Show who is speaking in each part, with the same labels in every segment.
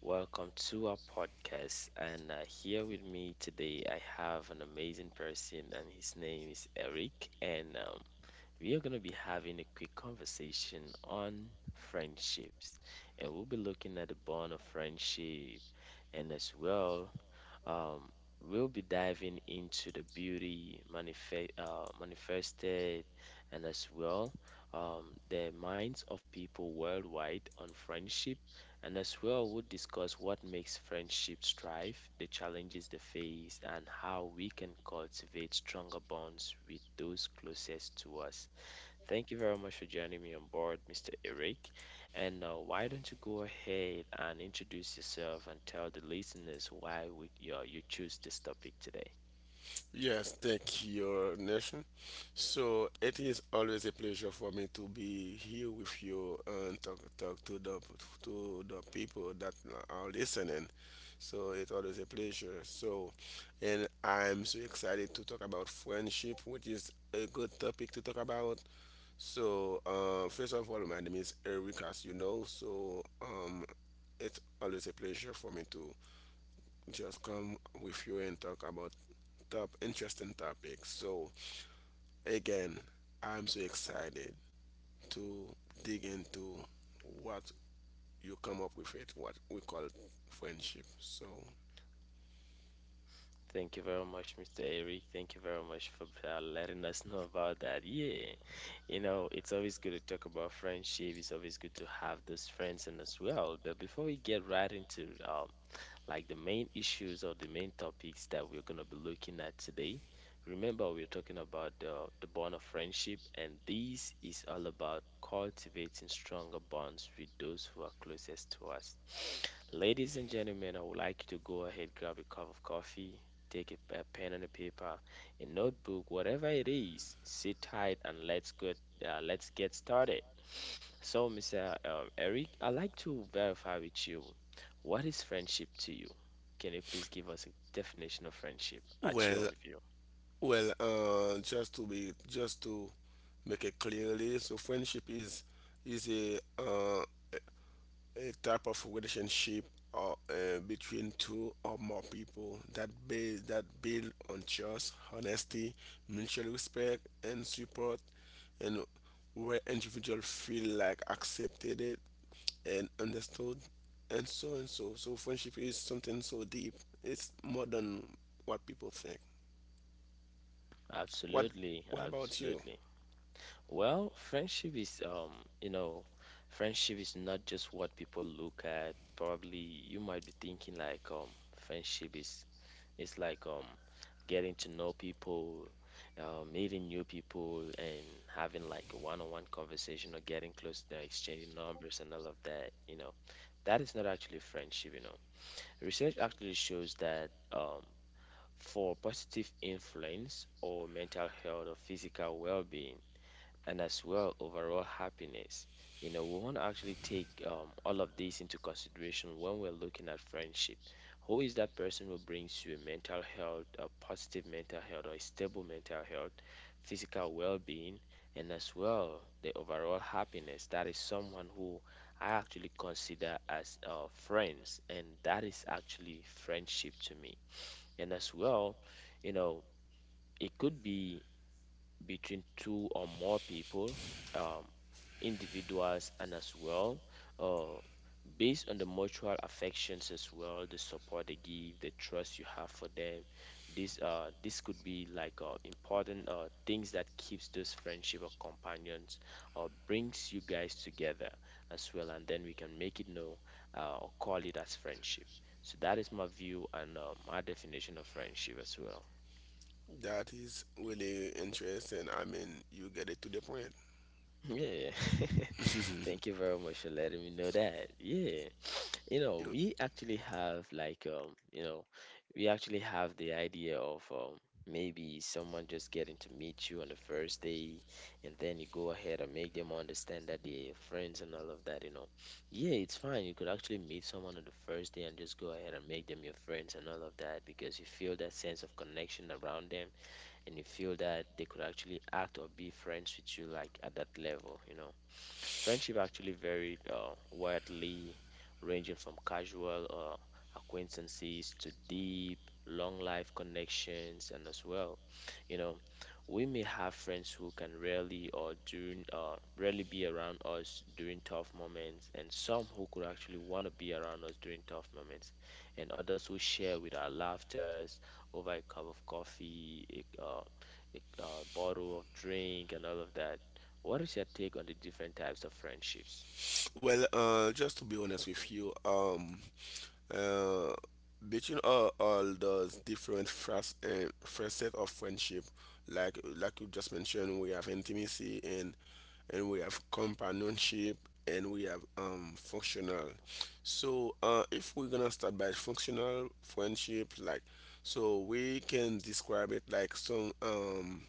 Speaker 1: Welcome to our podcast. And Here with me today, I have an amazing person, and his name is Eric. And We are going to be having a quick conversation on friendships. And we'll be looking at the bond of friendship, and as well um, we'll be diving into the beauty manifested, and as well the minds of people worldwide on friendship. And as well, we'll discuss what makes friendships thrive, the challenges they face, and how we can cultivate stronger bonds with those closest to us. Thank you very much for joining me on board, Mr. Eric. And now, why don't you go ahead and introduce yourself and tell the listeners why would you choose this topic today?
Speaker 2: Yes, thank you, Nation. So it is always a pleasure for me to be here with you and talk to the people that are listening. So it's always a pleasure. And I'm so excited to talk about friendship, which is a good topic to talk about. So, first of all, my name is Eric, as you know. So, it's always a pleasure for me to just come with you and talk about top interesting topics. So again, I'm so excited to dig into what you come up with it, what we call friendship. So,
Speaker 1: Thank you very much, Mr. Eric. Thank you very much for letting us know about that. Yeah, you know, it's always good to talk about friendship. It's always good to have those friends and as well. But before we get right into like the main issues or the main topics that we're going to be looking at today. Remember, we're talking about the bond of friendship, and this is all about cultivating stronger bonds with those who are closest to us. Ladies and gentlemen, I would like you to go ahead, grab a cup of coffee, take a pen and a paper, a notebook, whatever it is. Sit tight and let's get started. So, Mr. Eric, I'd like to verify with you. What is friendship to you? Can you please give us a definition of friendship at your
Speaker 2: well,
Speaker 1: own view?
Speaker 2: well, just to make it clearly. So friendship is a type of relationship or, between two or more people that that build on trust, honesty, mutual respect, and support, and where individuals feel like accepted it and understood, and so and so. So friendship is something so deep. It's more than what people think. What
Speaker 1: Absolutely,
Speaker 2: What about you?
Speaker 1: absolutely. Well, you know, friendship is not just what people look at. Probably you might be thinking like friendship is like getting to know people, meeting new people, and having like a one-on-one conversation or getting close to them, exchanging numbers and all of that. You know, that is not actually friendship. You know, research actually shows that for positive influence or mental health or physical well being, and as well overall happiness. You know, we want to actually take all of these into consideration when we're looking at friendship. Who is that person who brings you mental health, a positive mental health, or a stable mental health, physical well being, and as well the overall happiness? That is someone who I actually consider as friends, and that is actually friendship to me. And as well, you know, it could be between two or more people. Um, Individuals, and as well uh, based on the mutual affections, as well the support they give, the trust you have for them. This this could be like important things that keeps those friendship or companions, or brings you guys together as well, and then we can make it know, or call it as friendship. So that is my view, and my definition of friendship as well.
Speaker 2: That is really interesting. I mean, you get it to the point.
Speaker 1: Yeah, thank you very much for letting me know that. Yeah, you know,
Speaker 2: You
Speaker 1: we actually have like we actually have the idea of maybe someone just getting to meet you on the first day, and then you go ahead and make them understand that they're your friends and all of that, you know. Yeah, it's fine, you could actually meet someone on the first day and just go ahead and make them your friends and all of that, because you feel that sense of connection around them, and you feel that they could actually act or be friends with you like at that level, you know. Friendship actually varied widely, ranging from casual acquaintances to deep long life connections, and as well, you know, we may have friends who can rarely be around us during tough moments, and some who could actually want to be around us during tough moments, and others who share with our laughter over a cup of coffee, a bottle of drink, and all of that. What is your take on the different types of friendships?
Speaker 2: Well, just to be honest with you, uh, between all those different facets of friendship, like you just mentioned, we have intimacy and we have companionship and we have functional. So, if we're gonna start by functional friendship, like, so we can describe it like some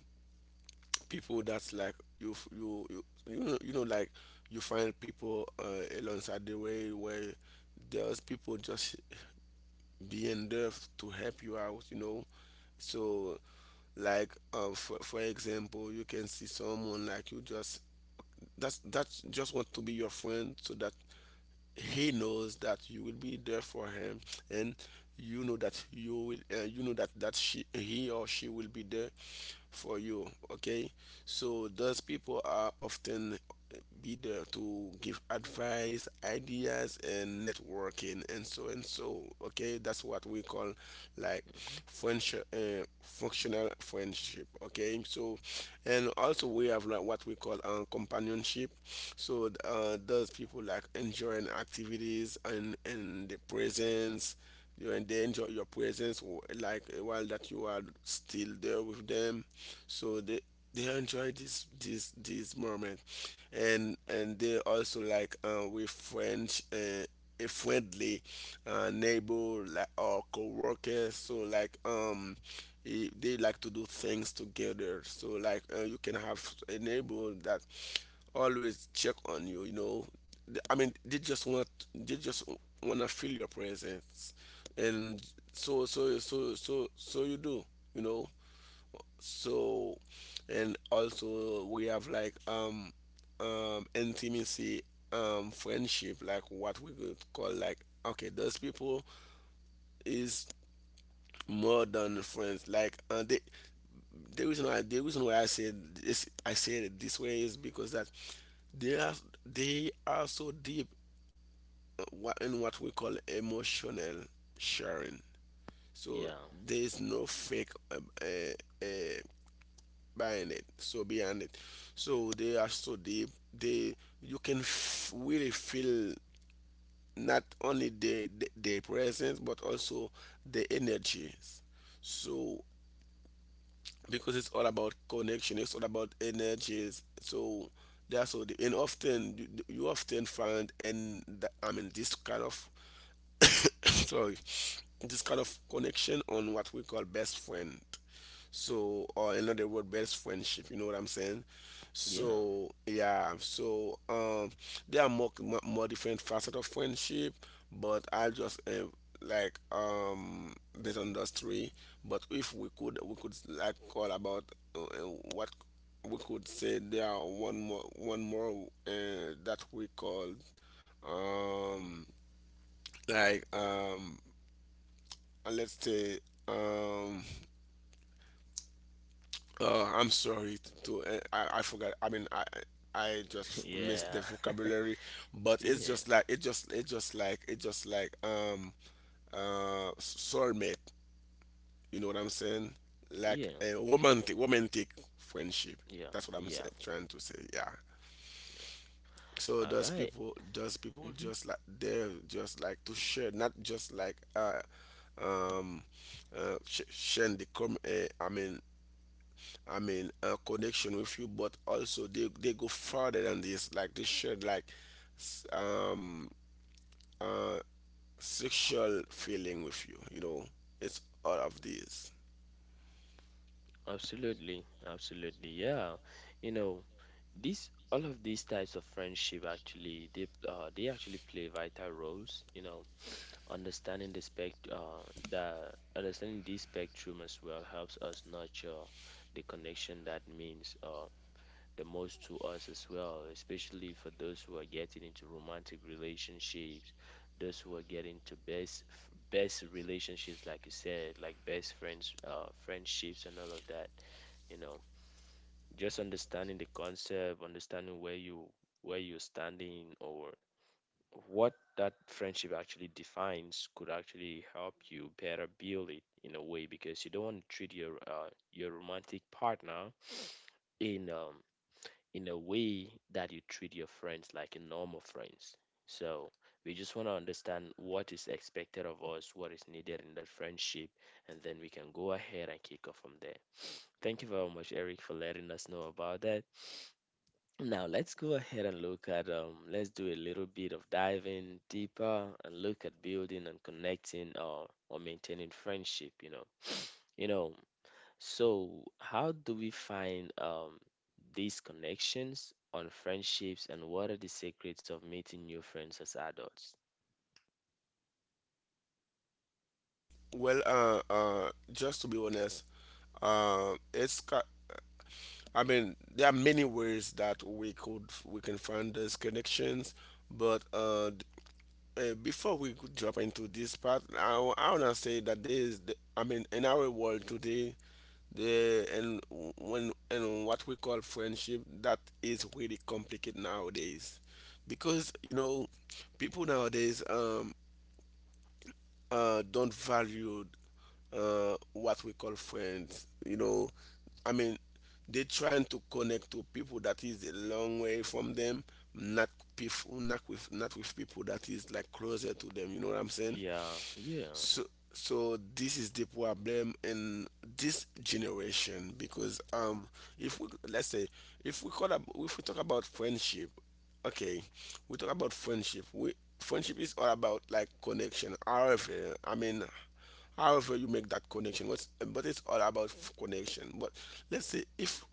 Speaker 2: people that's like you know like you find people alongside the way where there's people just being there to help you out, you know. So like, for example, you can see someone like you just that's just want to be your friend so that he knows that you will be there for him, and you know that you will you know that she, he or she will be there for you, okay? So those people are often be there to give advice, ideas, and networking, and so and so. Okay, that's what we call like
Speaker 1: hmm
Speaker 2: functional friendship, okay? So and also we have like what we call companionship. So those people like enjoying activities and the presence. You and they enjoy your presence, while that you are still there with them. So they enjoy this moment, and they also like, with friends, a friendly neighbor like, or co-worker. So like, they like to do things together. So like, you can have a neighbor that always check on you, you know. I mean, they just want, they just want to feel your presence. And so you do, you know. So and also we have like intimacy friendship, like what we could call like, okay, those people is more than friends. Like, they, the reason why I said this, I said it this way, is because that they are, they are so deep in what we call emotional sharing. So
Speaker 1: Yeah,
Speaker 2: there is no fake uh, behind it so behind it. So they are so deep. They, you can really feel not only the their presence but also the energies. So because it's all about connection, it's all about energies. So they are so deep and often you often find and the, I mean, this kind of sorry, this kind of connection on what we call best friend. So, or another word, best friendship. You know what I'm saying?
Speaker 1: yeah,
Speaker 2: So, yeah. So, there are more different facets of friendship, but I just like um based on those three. But if we could, we could like call about what we could say there are one more that we call um like um let's say um I'm sorry to I forgot. I mean, I just missed the
Speaker 1: yeah,
Speaker 2: vocabulary, but it's
Speaker 1: yeah,
Speaker 2: just like, it just like uh soulmate. You know what I'm saying? Like
Speaker 1: yeah,
Speaker 2: a romantic friendship.
Speaker 1: yeah,
Speaker 2: That's what I'm
Speaker 1: yeah.
Speaker 2: saying, trying to say. Yeah. So
Speaker 1: All right.
Speaker 2: those people
Speaker 1: Mm-hmm.
Speaker 2: just like, they're just like to share, not just like um sharing the com. I mean, a connection with you, but also they go further than this. Like they share like s- um uh sexual feeling with you. You know, it's all of these.
Speaker 1: Absolutely, absolutely. Yeah, you know, these all of these types of friendship actually they actually play vital roles. You know, understanding the the understanding this spectrum as well helps us nurture the connection that means the most to us as well, especially for those who are getting into romantic relationships, those who are getting to best relationships, like you said, like best friends, friendships, and all of that. You know, just understanding the concept, understanding where you're standing, or what that friendship actually defines, could actually help you better build it in a way, because you don't want to treat your romantic partner in um, in a way that you treat your friends like a normal friends. So we just want to understand what is expected of us, what is needed in that friendship, and then we can go ahead and kick off from there. Thank you very much, Eric, for letting us know about that. Now let's go ahead and look at let's do a little bit of diving deeper and look at building and connecting or maintaining friendship, you know. You know, so how do we find these connections on friendships, and what are the secrets of meeting new friends as adults?
Speaker 2: Well, just to be honest, uh, it's ca- I mean, there are many ways that we can find those connections, but before we could drop into this part, I wanna say that there is, the, I mean, in our world today, the and when and what we call friendship, that is really complicated nowadays, because you know, people nowadays, don't value what we call friends. You know, I mean, they're trying to connect to people that is a long way from them, not people, not with people that is like closer to them. You know what I'm saying?
Speaker 1: Yeah, yeah.
Speaker 2: So, so this is the problem in this generation because if we, let's say, if we call up, if we talk about friendship, okay, we talk about friendship. We, friendship is all about like connection. However, I mean, however you make that connection, what's, but it's all about connection. But let's say if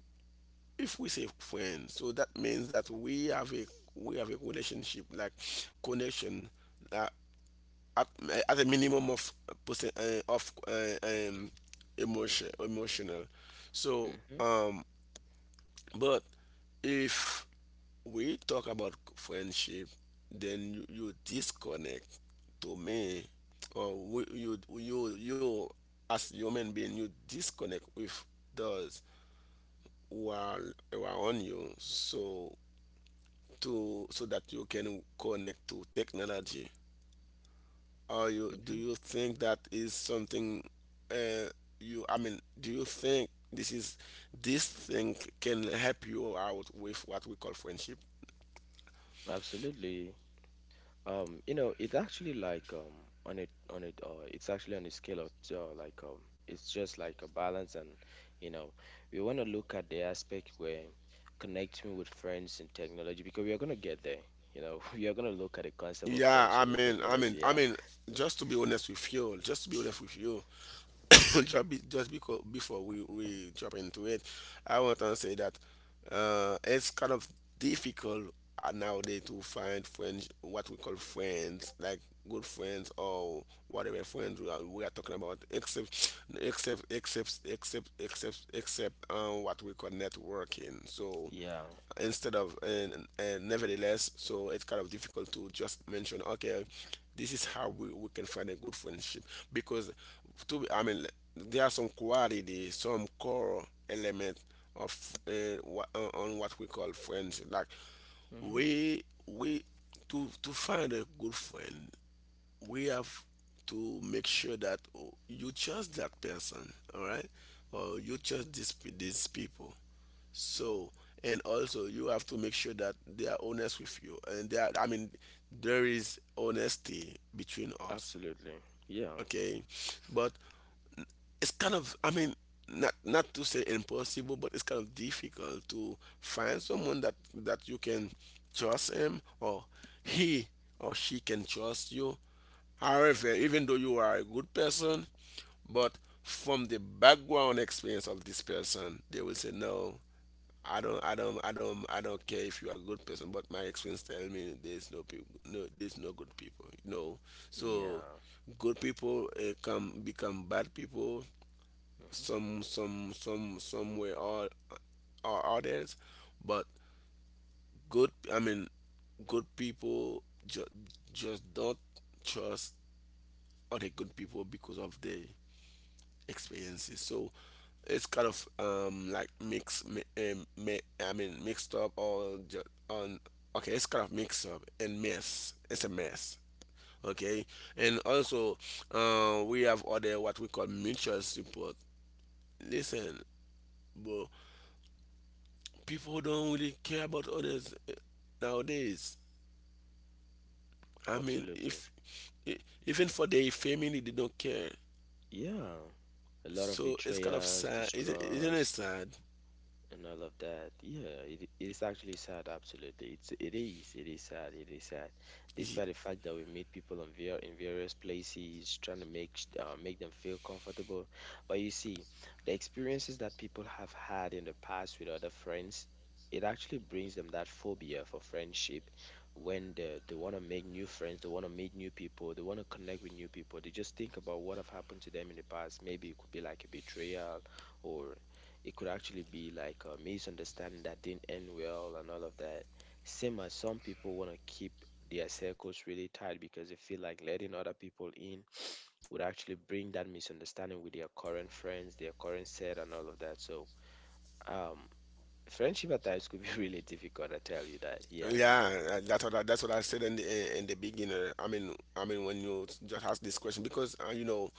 Speaker 2: if we say friends, so that means that we have a, we have a relationship like connection. Uh, at a minimum of percent of um, emotional, so
Speaker 1: hmm
Speaker 2: but if we talk about friendship, then you disconnect to me, or we, you as human being you disconnect with those who are around you, so to, so that you can connect to technology. Are you? Do
Speaker 1: hmm
Speaker 2: you think that is something? Uh, you. I mean, do you think this is this thing can help you out with what we call friendship?
Speaker 1: Absolutely. You know, it's actually like on it it's actually on a scale of it's just like a balance, and you know, we want to look at the aspect where connecting with friends and technology, because we are gonna get there. You know, we are gonna look at the concept of
Speaker 2: Yeah,
Speaker 1: friendship and technology.
Speaker 2: I
Speaker 1: Yeah.
Speaker 2: mean, just to be honest with you, just to be honest with you, just because before we jump into it, I want to say that it's kind of difficult nowadays to find friends, what we call friends, like good friends or whatever friends we are talking about, except what we call networking. So
Speaker 1: Yeah.
Speaker 2: instead of and nevertheless, so it's kind of difficult to just mention, okay, this is how
Speaker 1: Mm-hmm.
Speaker 2: we can find a good friendship because to be, I mean, there are some quality, some core element of on what we call friends like
Speaker 1: Mm-hmm.
Speaker 2: we, to find a good friend, we have to make sure that, oh, you trust that person, all right? Or you trust this people. So, and also you have to make sure that they are honest with you. And they are, I mean, there is honesty between us.
Speaker 1: Absolutely. Yeah.
Speaker 2: Okay. But it's kind of, I mean, not, not to say impossible, but it's kind of difficult to find someone that that you can trust him or he or she can trust you. However, even though you are a good person, but from the background experience of this person, they will say no, I don't care if you are a good person, but my experience tell me there's no people, no, there's no good people. No, so
Speaker 1: Yeah.
Speaker 2: good people come become bad people.
Speaker 1: Mm-hmm.
Speaker 2: Somewhere or others, but good, I mean, good people just don't trust other good people because of they experiences. So it's kind of like I mean mixed up or ju- on. Okay, it's kind of mixed up and mess. It's a mess. Okay, and also we have other what we call mutual support. Listen, bro, people don't really care about others nowadays. I mean,
Speaker 1: Absolutely.
Speaker 2: if e- even for their family, they don't care.
Speaker 1: Yeah. A lot of
Speaker 2: So it's kind of
Speaker 1: betrayals,
Speaker 2: sad, isn't it
Speaker 1: distrust.
Speaker 2: sad?
Speaker 1: And I love that. Yeah, it is actually sad, absolutely. It is sad, it is sad. Despite the fact that we meet people in various places, trying to make them feel comfortable. But you see, the experiences that people have had in the past with other friends, it actually brings them that phobia for friendship. When they want to make new friends, they want to meet new people, they want to connect with new people. They just think about what have happened to them in the past. Maybe it could be like a betrayal, or it could actually be like a misunderstanding that didn't end well and all of that. Same as some people want to keep their circles really tight because they feel like letting other people in would actually bring that misunderstanding with their current friends, their current set, and all of that. So, um, friendship at times could be really difficult. I tell you that. Yeah.
Speaker 2: Yeah, that's what I said in the beginning. I mean when you just ask this question because you know,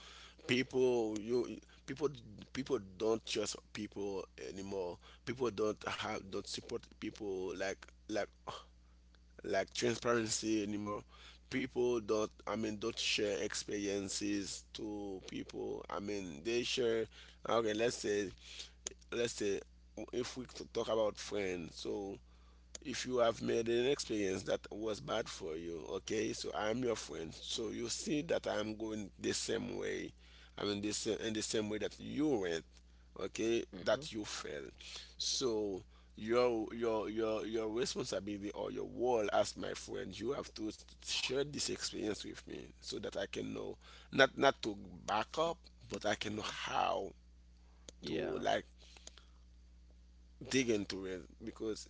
Speaker 2: people you people people don't trust people anymore. People don't have don't support people like transparency anymore. People don't, I mean, don't share experiences to people. I mean they share. Okay, let's say let's say if we talk about friends. So if you have made an experience that was bad for you, okay, so I'm your friend, so you see that I'm going the same way, I mean the same, in the same way that you went, okay,
Speaker 1: Mhm.
Speaker 2: that you failed. So your responsibility, or your role as my friend, you have to share this experience with me so that I can know, not to back up, but I can know
Speaker 1: Mhm.
Speaker 2: how to,
Speaker 1: Yeah.
Speaker 2: like, dig into it. Because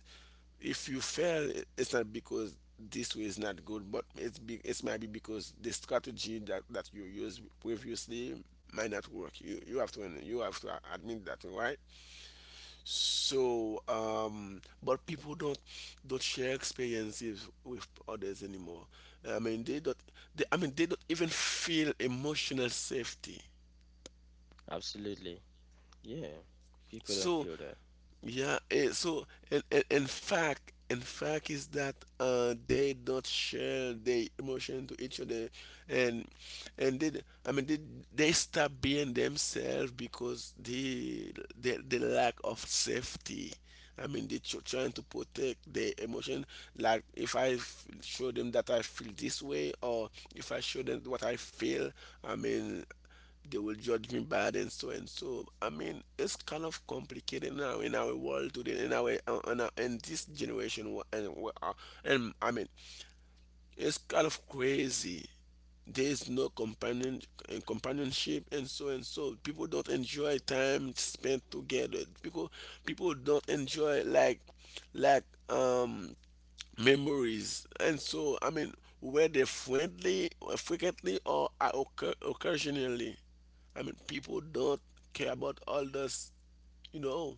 Speaker 2: if you fail, it's not because this way is not good, but it might be because the strategy that you used previously might not work. You have to, you have to admit that, right? So but people don't share experiences with others anymore. I mean they don't, I mean they don't even feel emotional safety.
Speaker 1: Absolutely. Yeah. People don't
Speaker 2: So
Speaker 1: feel that.
Speaker 2: yeah, so in fact is that they don't share their emotion to each other, and and they, I mean, they stop being themselves because they the lack of safety. I mean, they're trying to protect their emotion. Like if I show them that I feel this way, or if I show them what I feel, I mean. They will judge me bad and so and so. I mean, it's kind of complicated now in our world today, in our in this generation, and I mean, it's kind of crazy. There is no companionship and so and so. People don't enjoy time spent together. People don't enjoy, like, like um memories. And so, I mean, were they friendly, frequently, or are occasionally? I mean, people don't care about all this. You know,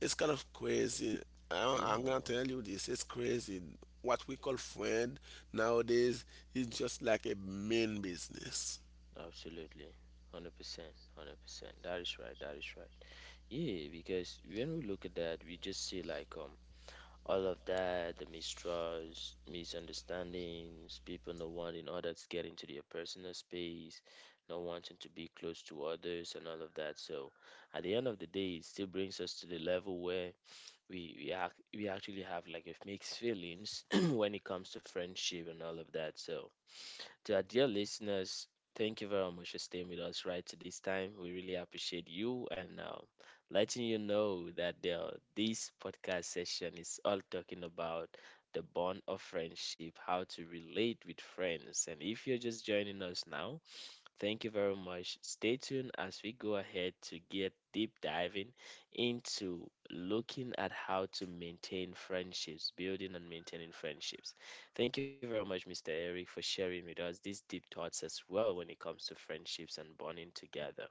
Speaker 2: it's kind of crazy.
Speaker 1: Yeah.
Speaker 2: I'm gonna tell you this. It's crazy. What we call friend nowadays is just like a mean business.
Speaker 1: Absolutely. 100%. 100%. That is right. That is right. Yeah, because when we look at that, we just see like all of that, the mistrust, misunderstandings, people not wanting others to get into their personal space, not wanting to be close to others and all of that. So at the end of the day, it still brings us to the level where we actually have like a mixed feelings when it comes to friendship and all of that. So to our dear listeners, thank you very much for staying with us right to this time. We really appreciate you, and letting you know that this podcast session is all talking about the bond of friendship, how to relate with friends. And if you're just joining us now, thank you very much. Stay tuned as we go ahead to get deep diving into looking at how to maintain friendships, building and maintaining friendships. Thank you very much, Mr. Eric, for sharing with us these deep thoughts as well when it comes to friendships and bonding together.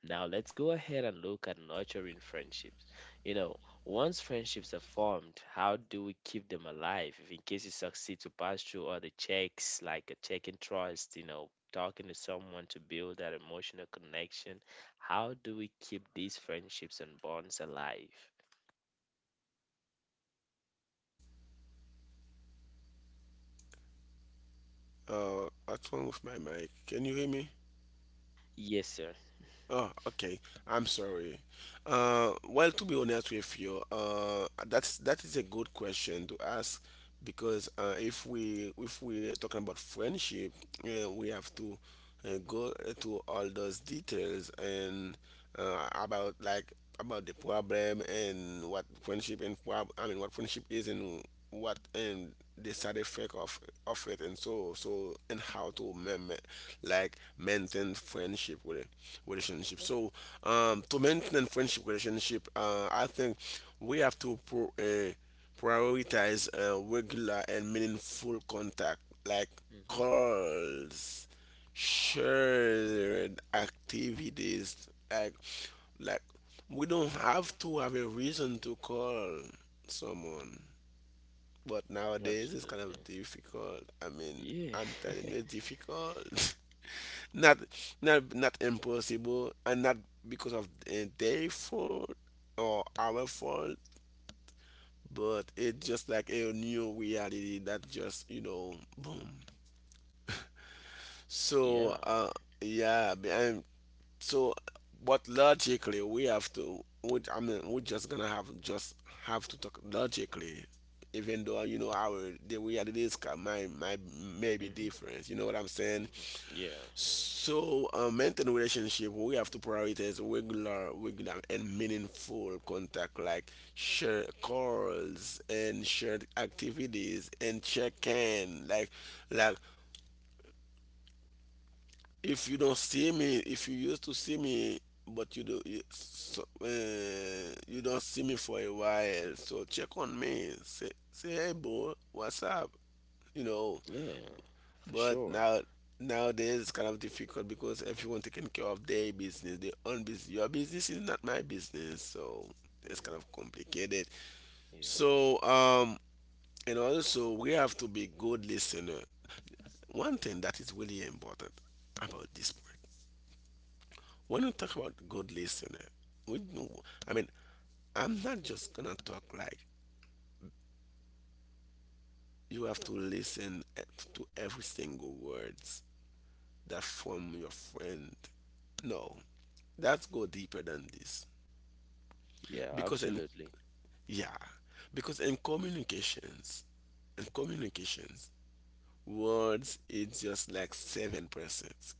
Speaker 1: Now let's go ahead and look at nurturing friendships. You know, once friendships are formed, how do we keep them alive? If in case you succeed to pass through all the checks, like a checking trust, you know, talking to someone to build that emotional connection, how do we keep these friendships and bonds alive?
Speaker 2: What's wrong with my mic? Can you hear me?
Speaker 1: Yes, sir.
Speaker 2: Oh, okay. I'm sorry. Well, to be honest with you, that's that is a good question to ask. Because if we, if we're talking about friendship, we have to and go to all those details and about, like, about the problem and what friendship I mean, what friendship is, and what and the side effect of it and so so, and how to maintain friendship with it, relationship. So to maintain friendship relationship, I think we have to prioritize regular and meaningful contact, like
Speaker 1: Hmm.
Speaker 2: calls. Sure, activities like like we don't have to have a reason to call someone, but nowadays it's kind of
Speaker 1: Absolutely.
Speaker 2: difficult. I mean,
Speaker 1: Yeah.
Speaker 2: I'm telling you, it's difficult. Not not impossible, and not because of their fault or our fault, but it's just like a new reality that just, you know, boom.
Speaker 1: Yeah.
Speaker 2: So yeah, so but logically we have to, I mean, we're just gonna have just have to talk logically, even though, you know, our, the realities can might may be
Speaker 1: Hmm.
Speaker 2: different. You know what I'm saying?
Speaker 1: Hmm. Yeah.
Speaker 2: So maintain relationship, we have to prioritize regular and meaningful contact, like share calls and shared activities and check-in. Like like if you don't see me, if you used to see me, but you you don't see me for a while, so check on me. Say, hey, boy, what's up? You know.
Speaker 1: Yeah. For
Speaker 2: But
Speaker 1: sure.
Speaker 2: now nowadays it's kind of difficult because everyone taking care of their business, their own business. Your business is not my business, so it's kind of
Speaker 1: Hmm.
Speaker 2: complicated.
Speaker 1: Yeah.
Speaker 2: So and also we have to be good listener. One thing that is really important about this point. When we talk
Speaker 1: Hmm.
Speaker 2: about good listener, we know, I mean, I'm not just gonna talk like you have to listen to every single words that from your friend. No, that's go deeper than this.
Speaker 1: Yeah.
Speaker 2: Because in,
Speaker 1: Absolutely.
Speaker 2: yeah, because in communications, in communications, words is just like 7%.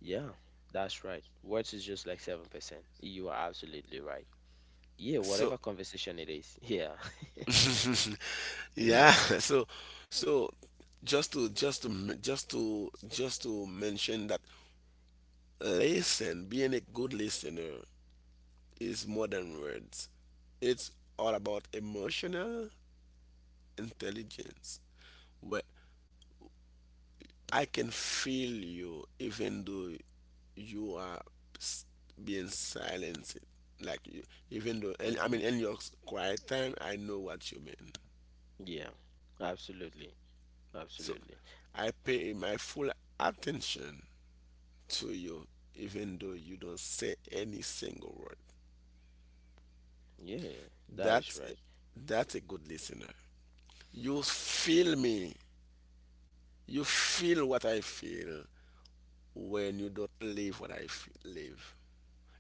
Speaker 1: Yeah, that's right. Words is just like 7%. You are absolutely right. Yeah,
Speaker 2: So
Speaker 1: whatever conversation it is. Yeah.
Speaker 2: yeah,
Speaker 1: Yeah.
Speaker 2: so so just to just to mention that, listen, being a good listener is more than words. It's all about emotional intelligence, where I can feel you even though you are s- being silenced. Like, you, even though, and I
Speaker 1: Mm-hmm.
Speaker 2: mean, in your quiet time, I know what you mean.
Speaker 1: Yeah. Absolutely.
Speaker 2: So
Speaker 1: Absolutely.
Speaker 2: I pay my full attention to you, even though you don't say any single word.
Speaker 1: Yeah, that is
Speaker 2: That's
Speaker 1: right.
Speaker 2: that's a good listener. You feel me. You feel what I feel when you don't live what I live.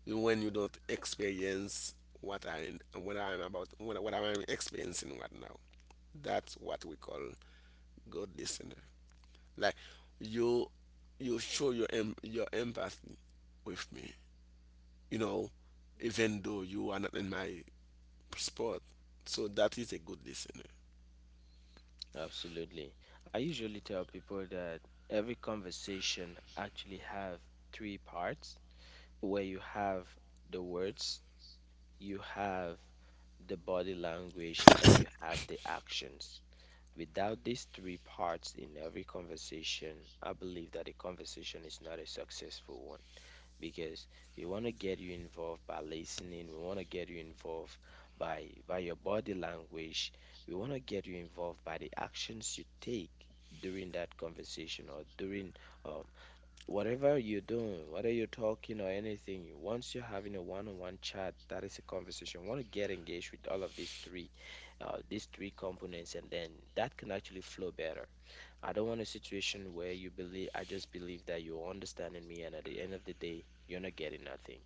Speaker 2: When you don't experience what I, what I'm experiencing right now. That's what we call good listener. Like you show your your empathy with me. You know, even though you are not in my sport. So that is a good listener.
Speaker 1: Absolutely. I usually tell people that every conversation actually have three parts where you have the words, you have the body language, and you have the actions. Without these three parts in every conversation, I believe that a conversation is not a successful one because we want to get you involved by listening, we want to get you involved by your body language, we want to get you involved by the actions you take during that conversation or during uh, whatever you're doing, whether you're talking or anything. Once you're having a one-on-one chat, that is a conversation. You want to get engaged with all of these three components, and then that can actually flow better. I don't want a situation where I just believe that you're understanding me, and at the end of the day, you're not getting nothing.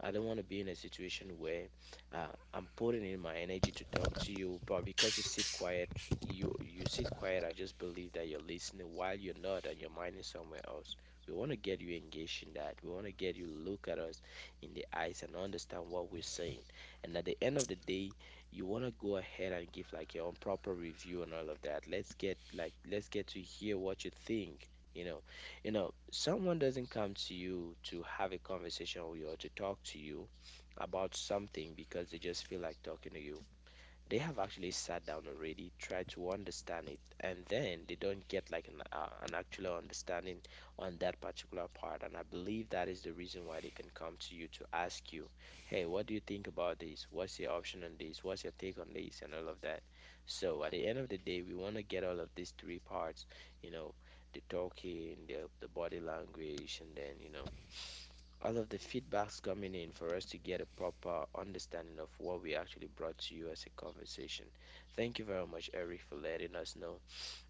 Speaker 1: I don't want to be in a situation where uh, I'm putting in my energy to talk to you, but because you sit quiet, you sit quiet. I just believe that you're listening while you're not, and your mind is somewhere else. We want to get you engaged in that. We want to get you look at us in the eyes and understand what we're saying. And at the end of the day, you want to go ahead and give like your own proper review and all of that. Let's get to hear what you think. You know, someone doesn't come to you to have a conversation with you or to talk to you about something because they just feel like talking to you. They have actually sat down already, tried to understand it, and then they don't get like an actual understanding on that particular part. And I believe that is the reason why they can come to you to ask you, "Hey, what do you think about this? What's your option on this? What's your take on this?" and all of that. So at the end of the day, we want to get all of these three parts, you know, the talking, the body language, and then all of the feedbacks coming in for us to get a proper understanding of what we actually brought to you as a conversation. Thank you very much, Eric, for letting us know.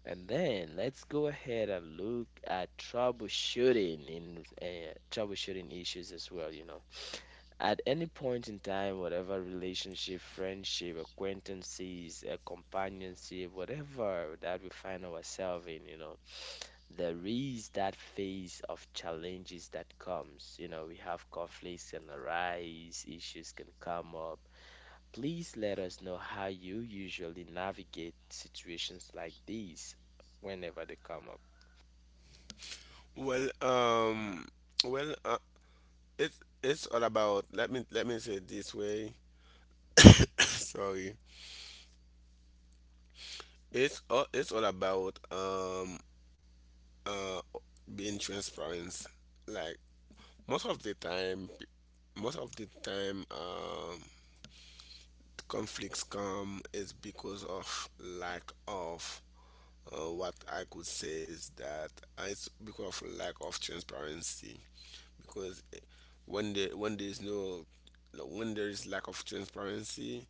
Speaker 1: And then let's go ahead and look at troubleshooting issues as well. You know, at any point in time, whatever relationship, friendship, acquaintances, companionship, whatever that we find ourselves in, you know, there is that phase of challenges that comes. You know, we have conflicts can arise, issues can come up. Please let us know how you usually navigate situations like these whenever they come up.
Speaker 2: Well, well, it's all about, let me say it this way. Sorry. It's all, it's all about, uh being transparent. Like most of the time, most of the time um conflicts come is because of lack of, what I could say is that, it's because of lack of transparency. Because when there, when there's no when there is lack of transparency,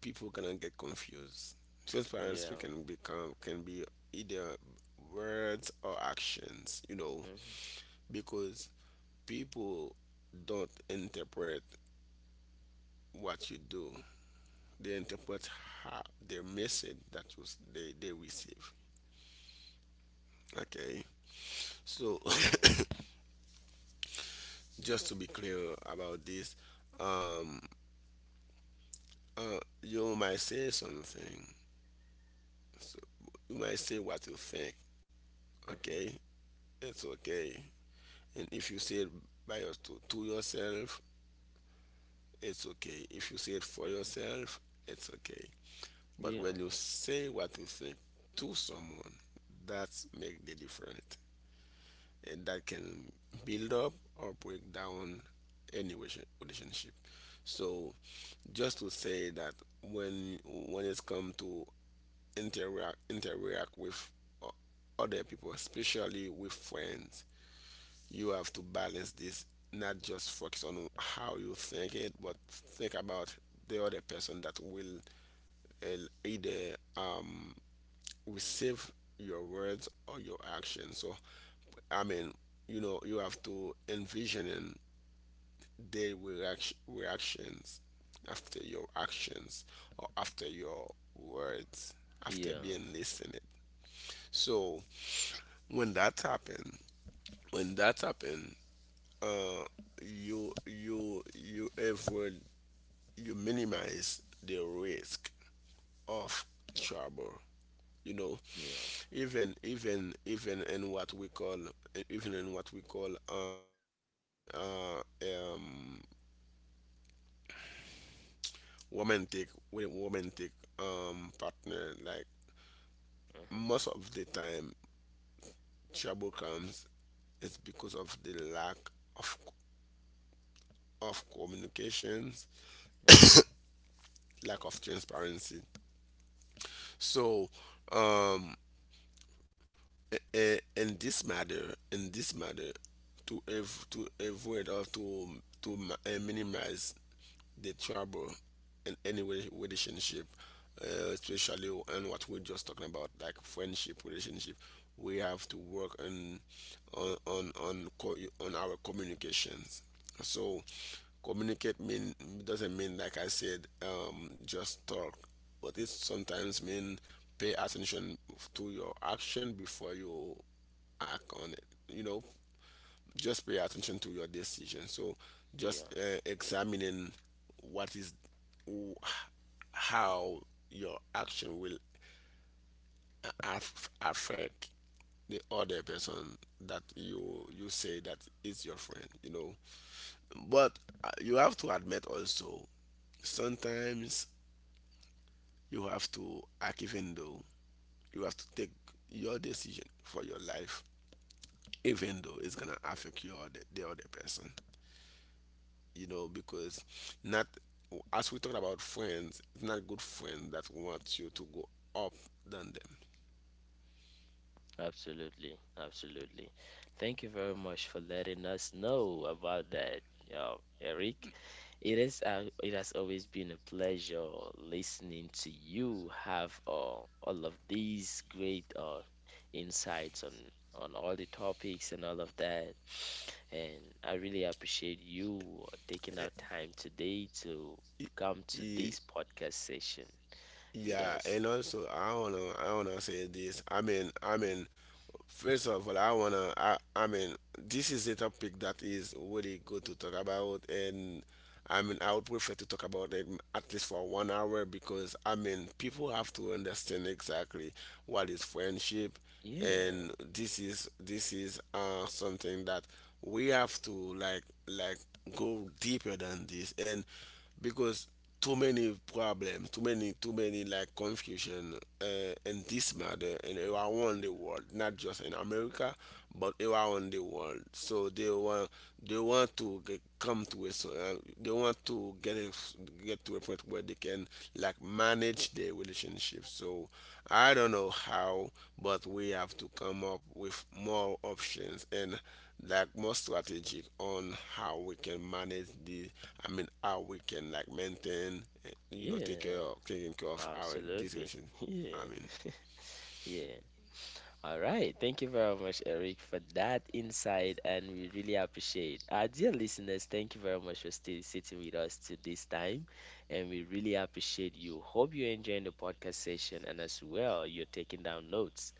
Speaker 2: people gonna get confused. Transparency
Speaker 1: Yeah.
Speaker 2: can become can be either words or actions, you know.
Speaker 1: Mm-hmm.
Speaker 2: Because people don't interpret what you do. They interpret how their message that was, they receive. Okay. So
Speaker 1: Yeah.
Speaker 2: just to be clear about this, um you might say something. So you might say what you think,
Speaker 1: Mm-hmm.
Speaker 2: okay? It's okay. And if you say it by your, to yourself, it's okay. If you say it for
Speaker 1: Mm-hmm.
Speaker 2: yourself, it's okay. But
Speaker 1: Yeah.
Speaker 2: when you say what you think to someone, that's make the difference. And that can build up or break down any relationship. So just to say that when it's come to interact with o- other people, especially with friends, you have to balance this, not just focus on how you think it, but think about the other person that will either receive your words or your action. So I mean, you know, you have to envision in their reactions after your actions or after your words, after
Speaker 1: Yeah.
Speaker 2: being listened. So when that happened, when that happened uh, you avoid, you minimize the risk of trouble, you know.
Speaker 1: Yeah.
Speaker 2: Even in what we call, even in what we call, uh um romantic, with romantic partner. Like
Speaker 1: Mm-hmm.
Speaker 2: most of the time trouble comes is because of the lack of communications,
Speaker 1: Mm-hmm.
Speaker 2: lack of transparency. So um uh, in this matter, to to avoid, or to minimize the trouble in any relationship, especially on what we're just talking about, like friendship relationship. We have to work on on our communications. So communicate mean, doesn't mean, like I said, just talk, but it sometimes mean pay attention to your action before you act on it. You know, just pay attention to your decision. So
Speaker 1: Yeah.
Speaker 2: just examining what is, wh- how your action will affect the other person that you say that is your friend, you know. But you have to admit also sometimes you have to act, even though, you have to take your decision for your life, even though it's gonna affect your, the other person, you know. Because not, as we talk about friends, it's not good friends that want you to go up than them.
Speaker 1: Absolutely, absolutely. Thank you very much for letting us know about that, uh, Eric. It has always been a pleasure listening to you have all of these great insights on all the topics and all of that. And I really appreciate you taking
Speaker 2: Eh,
Speaker 1: our time today to come to
Speaker 2: ye-
Speaker 1: this podcast session with
Speaker 2: Yeah,
Speaker 1: us.
Speaker 2: and also I wanna, say this.
Speaker 1: Mhm.
Speaker 2: First of all, I wanna, I mean, this is a topic that is really good to talk about, and I mean, I would prefer to talk about it at least for 1 hour, because I mean, people have to understand exactly what is friendship.
Speaker 1: Yeah,
Speaker 2: And this is, something that we have to, like, like go deeper than this. And because too many problems, too many, like, confusion, uh, in this matter and around the world, not just in America, but around the world. So they want to come to a, they want to get a, get to a point where they can, like, manage their relationship. So I don't know how, but we have to come up with more options, and, like, more strategic on how we can manage the, I mean, how we can, like, maintain, you know, take care
Speaker 1: yeah.
Speaker 2: of taking care of our this
Speaker 1: Absolutely.
Speaker 2: relation, I
Speaker 1: Yeah.
Speaker 2: mean.
Speaker 1: Yeah. All right. Thank you very much, Eric, for that insight. And we really appreciate our dear listeners. Thank you very much for still sitting with us to this time. And we really appreciate you. Hope you're enjoying the podcast session and as well, you're taking down notes.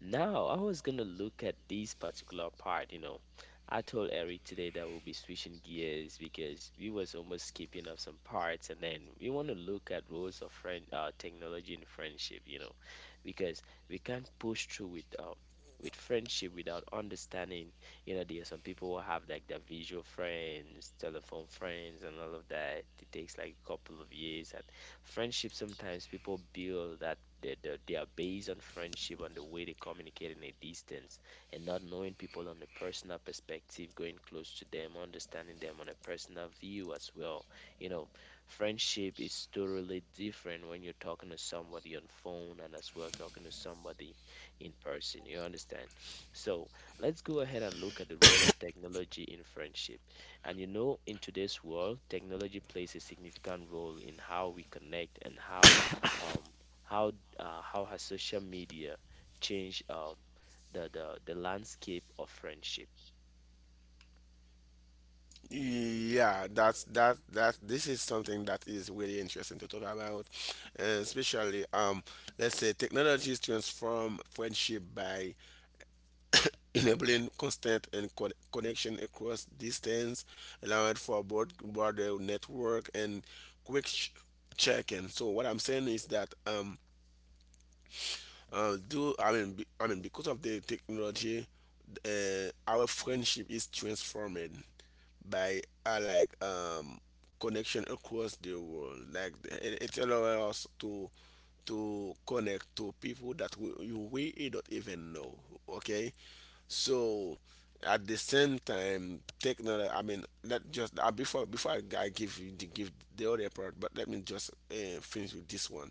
Speaker 1: Now, I was gonna look at this particular part, you know. I told Eric today that we'll be switching gears because we was almost skipping up some parts, and then we want to look at roles of technology and friendship, you know, because we can't push through with friendship without understanding. You know, there are some people who have like their visual friends, telephone friends, and all of that. It takes like a couple of years, and friendship sometimes people build that they are based on friendship and the way they communicate in a distance and not knowing people on a personal perspective, going close to them, understanding them on a personal view as well. You know, friendship is totally different when you're talking to somebody on phone and as well talking to somebody in person. You understand? So let's go ahead and look at the role of technology in friendship. And you know, in today's world, technology plays a significant role in how we connect and um, how how has social media changed the landscape of friendship?
Speaker 2: Yeah, that that this is something that is really interesting to talk about. And especially let's say technologies transform friendship by enabling constant and connection across distance, allowed for broader network and quick check-in. So what I'm saying is that, do I mean be, I mean because of the technology, our friendship is transformed by connection across the world, like it allows us to connect to people that we don't even know. Okay, so at the same time, technology, I mean, let just before I give you give the other part, but let me just finish with this one.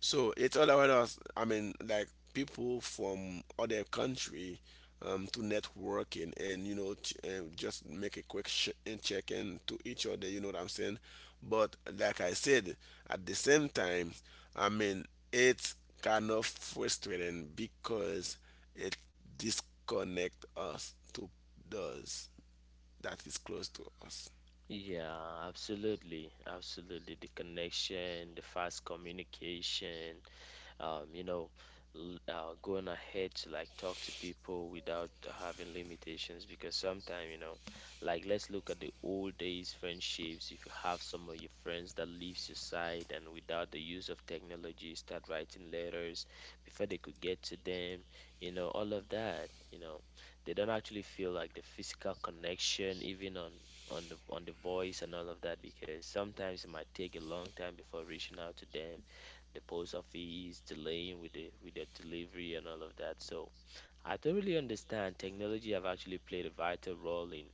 Speaker 2: So it allowed us, I mean, like, people from other country, to networking, and you know, and just make a quick and check in to each other, you know what I'm saying. But like I said, at the same time, I mean, it's kind of frustrating because it disconnect us to those that is close to us.
Speaker 1: Yeah, absolutely, absolutely. The connection, the fast communication, you know, going ahead to like talk to people without having limitations, because sometimes, you know, like let's look at the old days friendships. If you have some of your friends that leaves your side and without the use of technology, start writing letters before they could get to them, you know, all of that, you know, they don't actually feel like the physical connection even on the voice and all of that, because sometimes it might take a long time before reaching out to them, the post office delaying with the delivery and all of that. So I totally understand technology have actually played a vital role in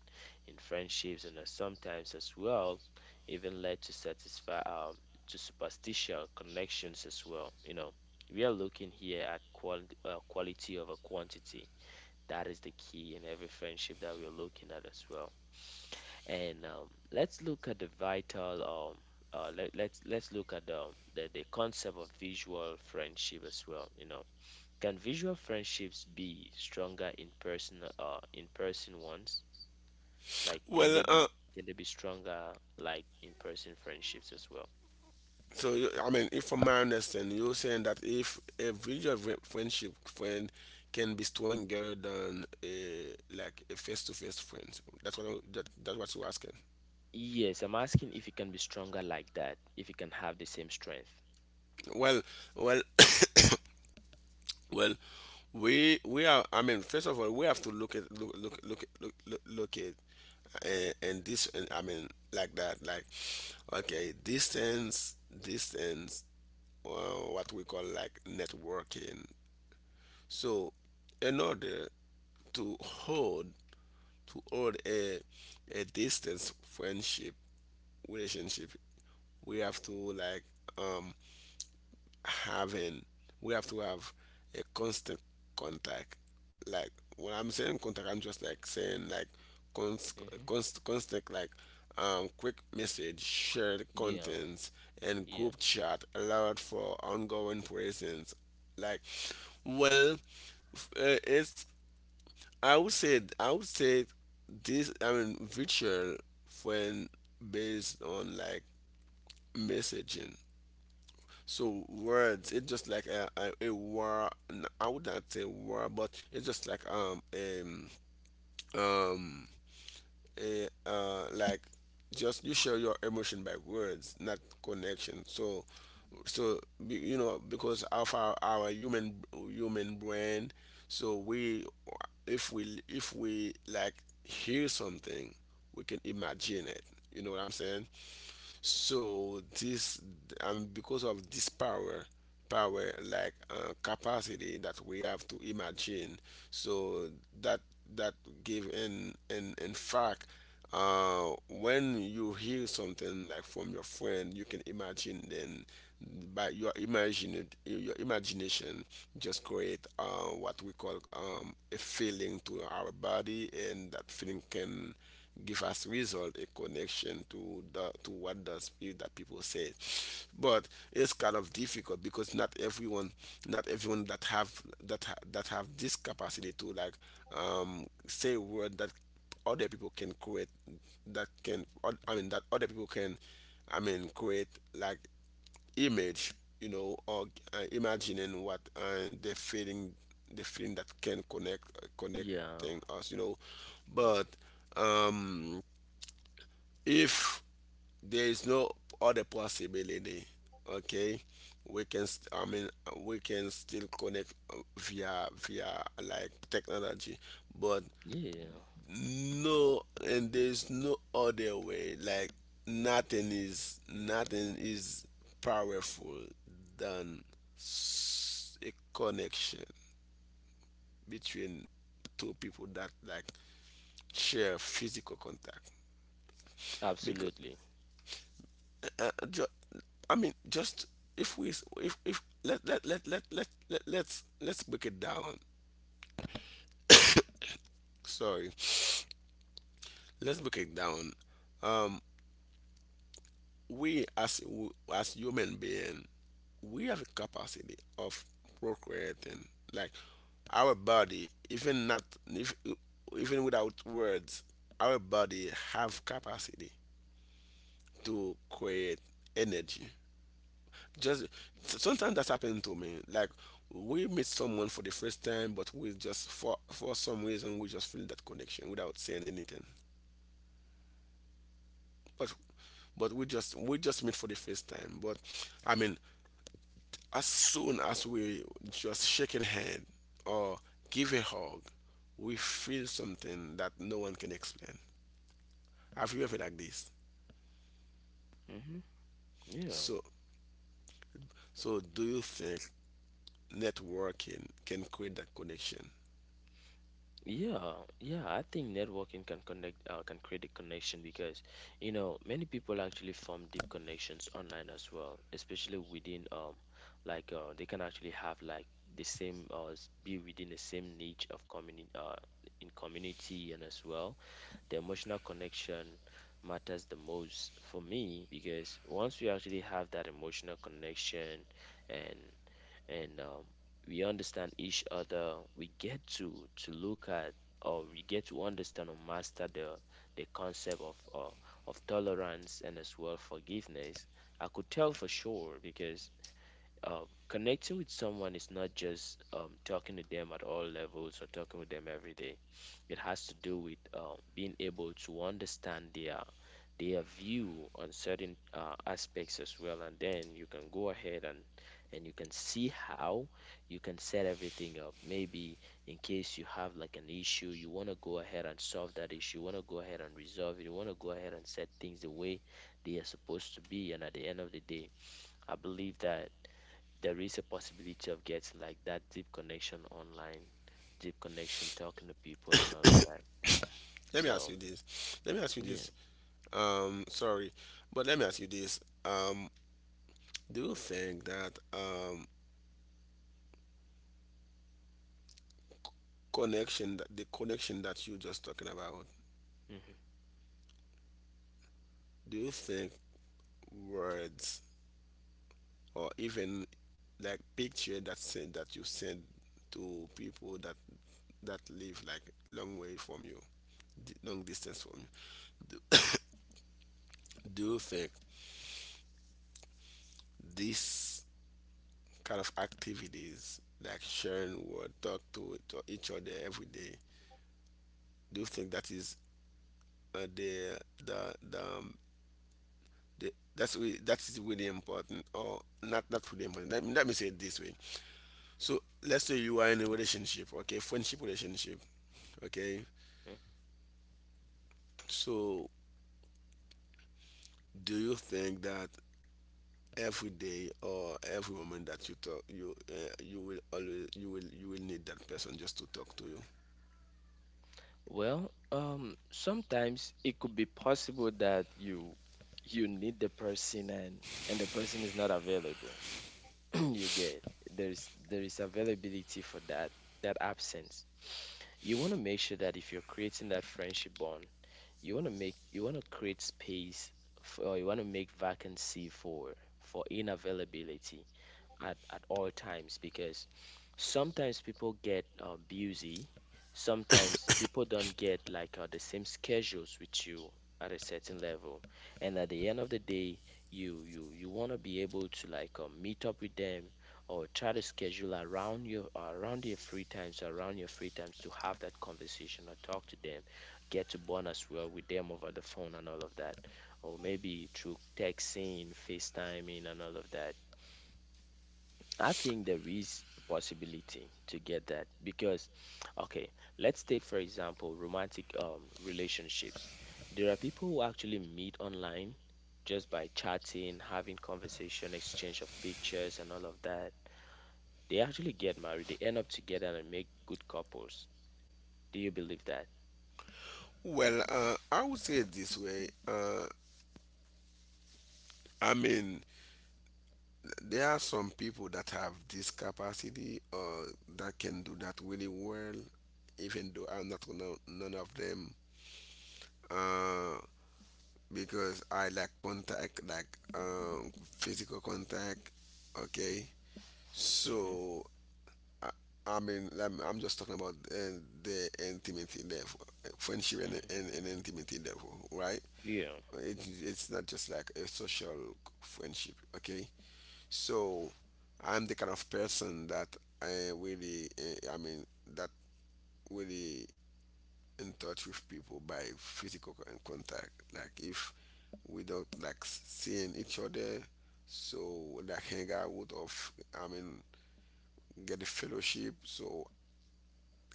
Speaker 1: friendships, and sometimes as well even led to satisfy to superstitious connections as well. You know, we are looking here at quality over quantity. That is the key in every friendship that we are looking at as well. And let's look at the vital let, let's look at the concept of visual friendship as well. You know, can visual friendships be stronger in person ones, like can
Speaker 2: well
Speaker 1: they
Speaker 2: uh,
Speaker 1: be, can they be stronger like in person friendships as well?
Speaker 2: I mean, if from my understanding, you're saying that if a virtual friendship friend can be stronger than a like a face-to-face friend, that's what I, that, that's what you're asking.
Speaker 1: Yes, I'm asking if it can be stronger like that, if it can have the same strength.
Speaker 2: Well, well, well, we are. I mean, first of all, we have to look at look look look look look, look at, and this, and I mean, like that, like, okay, distance, what we call like networking. So in order to hold to hold a distance friendship relationship, we have to, like, um having we have to have a constant contact. Like when I'm saying contact, I'm just like saying like, const,
Speaker 1: Hmm.
Speaker 2: constant, like, quick message, shared
Speaker 1: Yeah.
Speaker 2: contents, and
Speaker 1: Yeah.
Speaker 2: group chat allowed for ongoing presence. Like, well it's, I would say this, I mean, virtual friend based on, like, messaging. So words, it's just like a war. I would not say war, but it's just like um a, like, just you share your emotion by words, not connection. So, so because of our human, brain, so we, if we like hear something, we can imagine it, you know what I'm saying. So this, because of this power, like, capacity that we have to imagine, so that that give, in fact, when you hear something like from your friend, you can imagine then by your imagination, just create, what we call, a feeling to our body, and that feeling can give us result a connection to what the spirit that people say. But it's kind of difficult because not everyone that have this capacity to, like, say word that other people can create, that other people can, I mean, create, like, image, you know, or, imagining what, the feeling that can connect,
Speaker 1: Yeah.
Speaker 2: connecting us, you know. But,
Speaker 1: Hmm.
Speaker 2: um, if there is no other possibility, okay, we can. I mean, we can still connect via like technology, but
Speaker 1: Yeah.
Speaker 2: no, and there's no other way, like, nothing is powerful than a connection between two people that like share physical contact. Because,
Speaker 1: Absolutely.
Speaker 2: uh, uh, ju- I mean, just, if we s- if let's break it down. Sorry. Let's break it down. um as human being, we have a capacity of procreating, like our body, even not, if, even without words, our body have capacity to create energy. Just, sometimes that's happened to me, like, we meet someone for the first time, but we just, for some reason we just feel that connection without saying anything. But, we just meet for the first time, but, I mean, as soon as we just shake a hand or give a hug, we feel something that no one can explain. Have you ever like this?
Speaker 1: Hmm.
Speaker 2: So,
Speaker 1: Yeah.
Speaker 2: do you think networking can create that connection?
Speaker 1: Yeah, yeah, I think networking can can create a connection because, you know, many people actually form deep connections online as well, especially within, they can actually have like be within the same niche of community, in community, and as well, the emotional connection matters the most for me. Because once you actually have that emotional connection, and and we understand each other. We get to look at, or we get to understand or master the concept of tolerance and as well forgiveness. I could tell for sure, because connecting with someone is not just talking to them at all levels or talking with them every day. It has to do with being able to understand their view on certain aspects as well, and then you can go ahead and you can see how you can set everything up. Maybe in case you have like an issue, you want to go ahead and solve that issue. You want to go ahead and resolve it. You want to go ahead and set things the way they are supposed to be. And at the end of the day, I believe that there is a possibility of getting like that deep connection online, deep connection talking to people and all of that.
Speaker 2: Let me ask
Speaker 1: So
Speaker 2: you this.
Speaker 1: yeah.
Speaker 2: Sorry, but let me ask you this. Um, do you think that, connection, that the connection that you just talking about,
Speaker 1: Hmm.
Speaker 2: do you think words, or even like picture that send that you send to people, that live, like, long way from you, long distance from you, do, do you think this kind of activities, like sharing word, talk to each other every day, do you think that is, uh, the the the, um, the that's really, important, or not really important. Let me say it this way. So let's say you are in a relationship, okay, friendship relationship, okay.
Speaker 1: Hmm.
Speaker 2: So do you think that every day or every moment that you talk, you, you will always you will need that person just to talk to you?
Speaker 1: Well, sometimes it could be possible that you need the person, and the person is not available. You get there is, there is availability for that absence. You want to make sure that if you're creating that friendship bond, you want to create space for, or you want to make vacancy for inavailability at all times, because sometimes people get busy, sometimes people don't get like the same schedules with you at a certain level. And at the end of the day, you want to be able to like meet up with them, or try to schedule around your free times to have that conversation or talk to them, get to bond as well with them over the phone and all of that, or maybe through texting, facetiming and all of that. I think there is a possibility to get that. Because, okay, let's take for example romantic relationships. There are people who actually meet online just by chatting, having conversation, exchange of pictures, and all of that. They actually get married. They end up together and make good couples. Do you believe that?
Speaker 2: Well, I would say it this way. I mean, there are some people that have this capacity or that can do that really well, even though I'm not gonna none of them, uh, because I like contact, like, physical contact, okay.
Speaker 1: Mm-hmm.
Speaker 2: So I, I mean, I'm just talking about the intimacy level, friendship,
Speaker 1: Mm-hmm.
Speaker 2: and intimacy level, right?
Speaker 1: Yeah.
Speaker 2: It, it's not just like a social friendship, okay? So I'm the kind of person that I really, I mean, that really in touch with people by physical contact. Like if we don't like seeing each other, so like hang out with, I mean, get a fellowship. So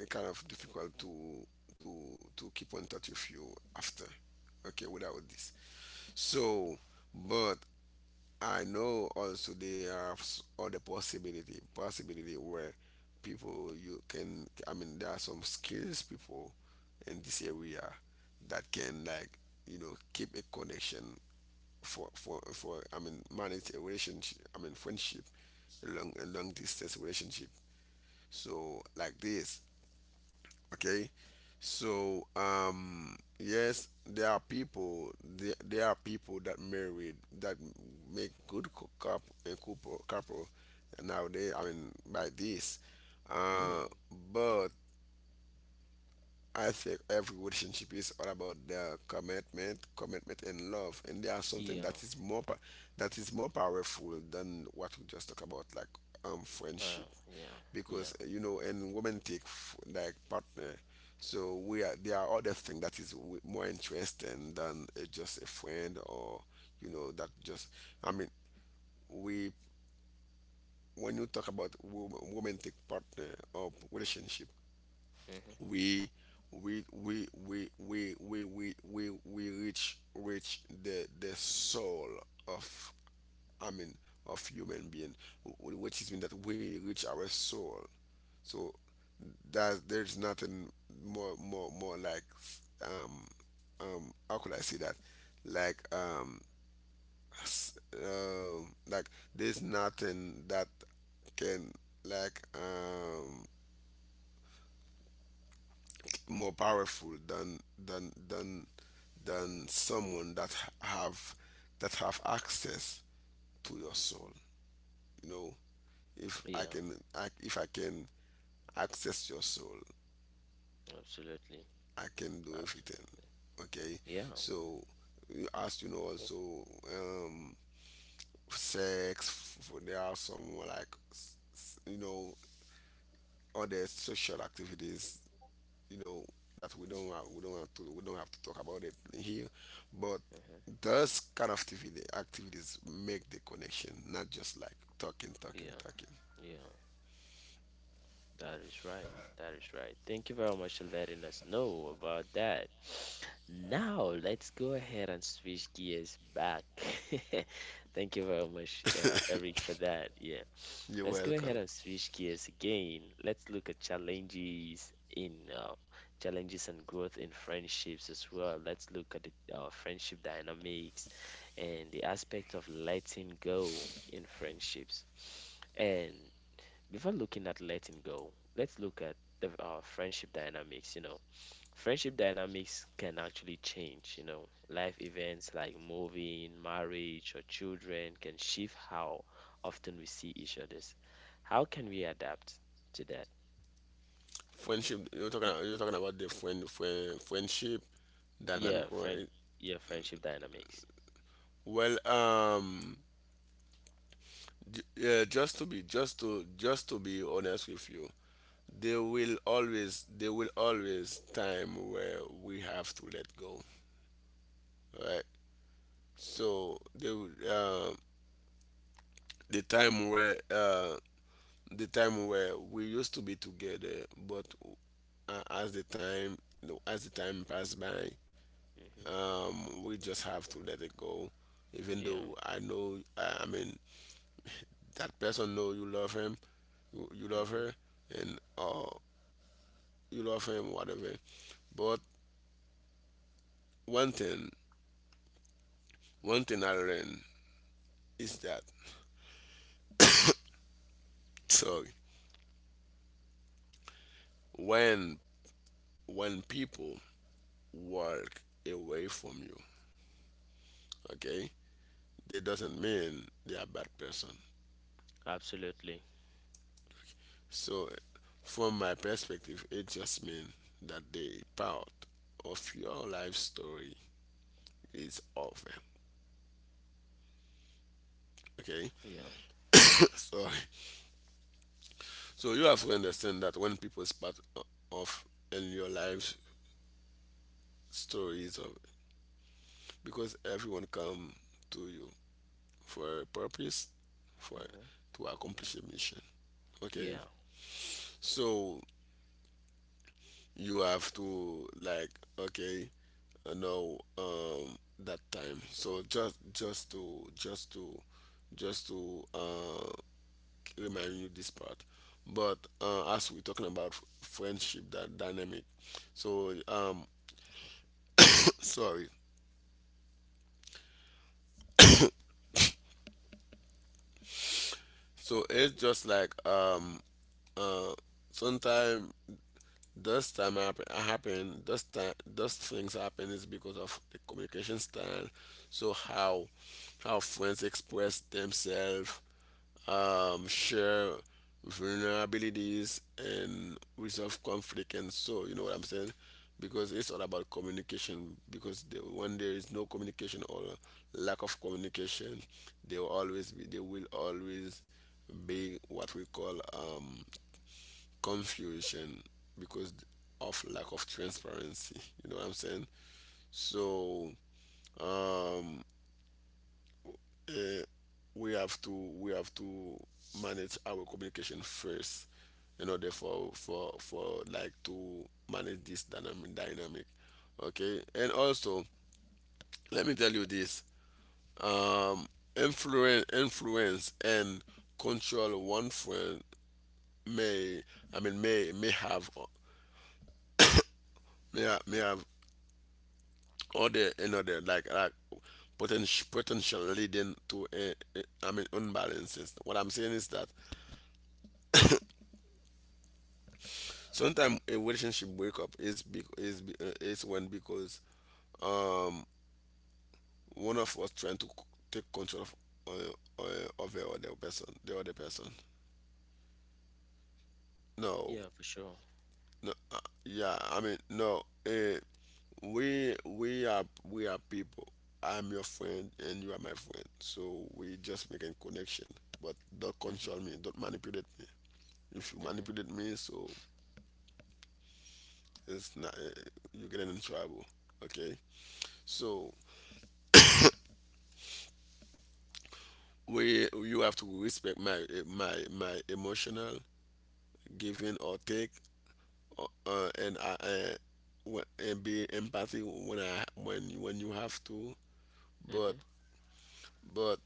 Speaker 2: uh, kind of difficult to to keep in touch with you after, okay, without this. So, but I know also there are other possibility where people, you can, I mean, there are some skills people in this area that can, like, keep a connection, for, I mean, manage a relationship, I mean, friendship, a long distance relationship. So like this, okay. So, yes, there are people, there are people that married, that make good cou- coup- a couple couple nowadays, I mean, by this, uh
Speaker 1: Yeah.
Speaker 2: but I think every relationship is all about the commitment and love, and there are something
Speaker 1: Yeah.
Speaker 2: that is that is more powerful than what we just talk about, like,
Speaker 1: Uh,
Speaker 2: friendship,
Speaker 1: yeah. Yeah.
Speaker 2: because, and women take like partner, so we are there are other things that is more interesting than, just a friend, or, you know that just I mean, we when you talk about romantic partner or relationship,
Speaker 1: Mm-hmm.
Speaker 2: we we reach the soul of, I mean, of human being, which is mean that we reach our soul. So that, there's nothing more, like, um how could I say that, like, s- like, there's nothing that can, like, more powerful than someone that ha- have that have access to your soul, you know.
Speaker 1: Yeah.
Speaker 2: If I can access your soul,
Speaker 1: Absolutely.
Speaker 2: I can do everything.
Speaker 1: Absolutely.
Speaker 2: Okay.
Speaker 1: Yeah.
Speaker 2: So you, as you know also, um sex, there are some like, other social activities, you know, that we don't have to talk about it here, but
Speaker 1: Mm-hmm.
Speaker 2: those kind of activities make the connection, not just like
Speaker 1: Yeah.
Speaker 2: talking.
Speaker 1: Yeah, that is right. That is right. Thank you very much for letting us know about that. Now, let's go ahead and switch gears back. Thank you very much, Eric, for that. Yeah.
Speaker 2: You're
Speaker 1: Let's go ahead
Speaker 2: welcome.
Speaker 1: and switch gears again. Let's look at challenges and growth in friendships as well. Let's look at the friendship dynamics and the aspect of letting go in friendships. And before looking at letting go, let's look at the friendship dynamics. Friendship dynamics can actually change. Life events like moving, marriage, or children can shift how often we see each other's. How can we adapt to that?
Speaker 2: Friendship, you're talking about the friendship dynamic,
Speaker 1: Yeah, friend.
Speaker 2: right?
Speaker 1: Yeah, friendship dynamics.
Speaker 2: Well, yeah, just to be, just to be honest with you, there will always time where we have to let go, right? So the time where, we used to be together but, uh, as the time as the time passed by,
Speaker 1: Hmm.
Speaker 2: we just have to let it go. Even
Speaker 1: Yeah.
Speaker 2: though I know, I mean, that person know, you love him, you love her,
Speaker 1: Hmm.
Speaker 2: and, you love him, whatever. But one thing, I learned is that so, when when people walk away from you, okay, that doesn't mean they are bad person.
Speaker 1: Absolutely.
Speaker 2: So from my perspective, it just means that the part of your life story is over. Okay.
Speaker 1: Yeah.
Speaker 2: Sorry. So you have to understand that when people's part of in your life story is over, because everyone come to you for a purpose, for
Speaker 1: Hmm.
Speaker 2: to accomplish a mission. Okay,
Speaker 1: Yeah.
Speaker 2: so you have to, like, okay, know, that time, so just to just to just to remind you this part. But, as we're talking about friendship that dynamic, so, sorry, so it's just like, uh sometimes, Those time happen, happen those time those things happen is because of the communication style. So, how friends express themselves, share vulnerabilities, and resolve conflict, and so, you know what I'm saying? Because it's all about communication. Because when there is no communication or lack of communication, there will always be, what we call, confusion, because of lack of transparency. You know what I'm saying? So, um, eh, we have to we have to manage our communication first, in order for like to manage this dynamic. Okay, and also, let me tell you this: um, influence and control, one friend may, I mean, may have, or the another, like potential leading to a, I mean, unbalances. What I'm saying is that sometimes a relationship breakup is, is when because one of us trying take control of, of the other person, the other person. No,
Speaker 1: Yeah, for sure.
Speaker 2: no, yeah. I mean, no. We are people. I'm your friend and you are my friend, so we just making connection. But don't
Speaker 1: Hmm.
Speaker 2: control me. Don't manipulate me. If you
Speaker 1: Hmm.
Speaker 2: manipulate me, so it's not, you're getting in trouble, okay. So, we you have to respect my, my emotional giving or take, and I, and be empathy when I, when you have to. But,
Speaker 1: Hmm.
Speaker 2: but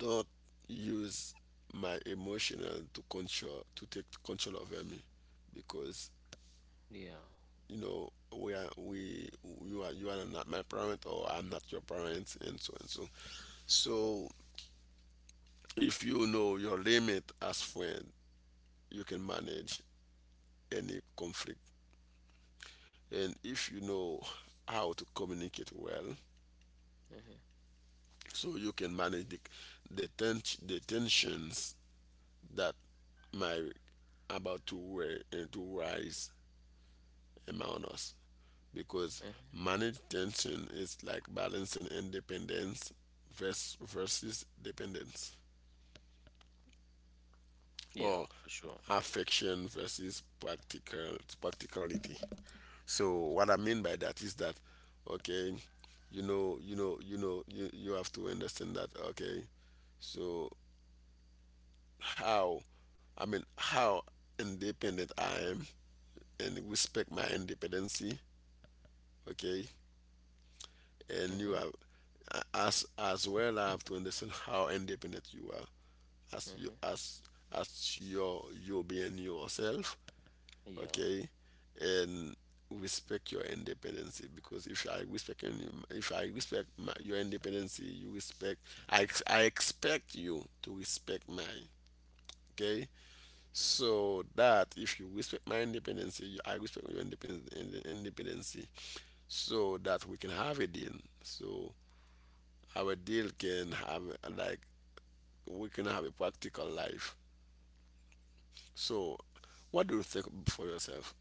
Speaker 2: don't use my emotional to control, to take control over me, because,
Speaker 1: Yeah.
Speaker 2: you know, we are we you are not my parent, or I'm not your parent, and so and so. So if you know your limit as friend, you can manage any conflict. And if you know how to communicate well,
Speaker 1: Hmm.
Speaker 2: so you can manage the tensions that might, about to to rise among us. Because
Speaker 1: Hmm.
Speaker 2: manage tension is like balancing independence, versus dependence,
Speaker 1: Yeah,
Speaker 2: or
Speaker 1: for sure.
Speaker 2: affection versus practicality. So what I mean by that is that, okay, you have to understand that, okay, so how, I mean, how independent I am, and respect my independency, okay, and you
Speaker 1: Mhm,
Speaker 2: have, as well I have to understand how independent you are, as you
Speaker 1: mhm.
Speaker 2: as as your, you being yourself,
Speaker 1: Yeah.
Speaker 2: okay, and respect your independence, because if I respect any, if I respect my, your independence, you respect, I expect you to respect mine, okay. So that if you respect my independence, I respect your independence, independence, so that we can have a deal. So our deal can have, like, we can have a practical life. So what do you think for yourself?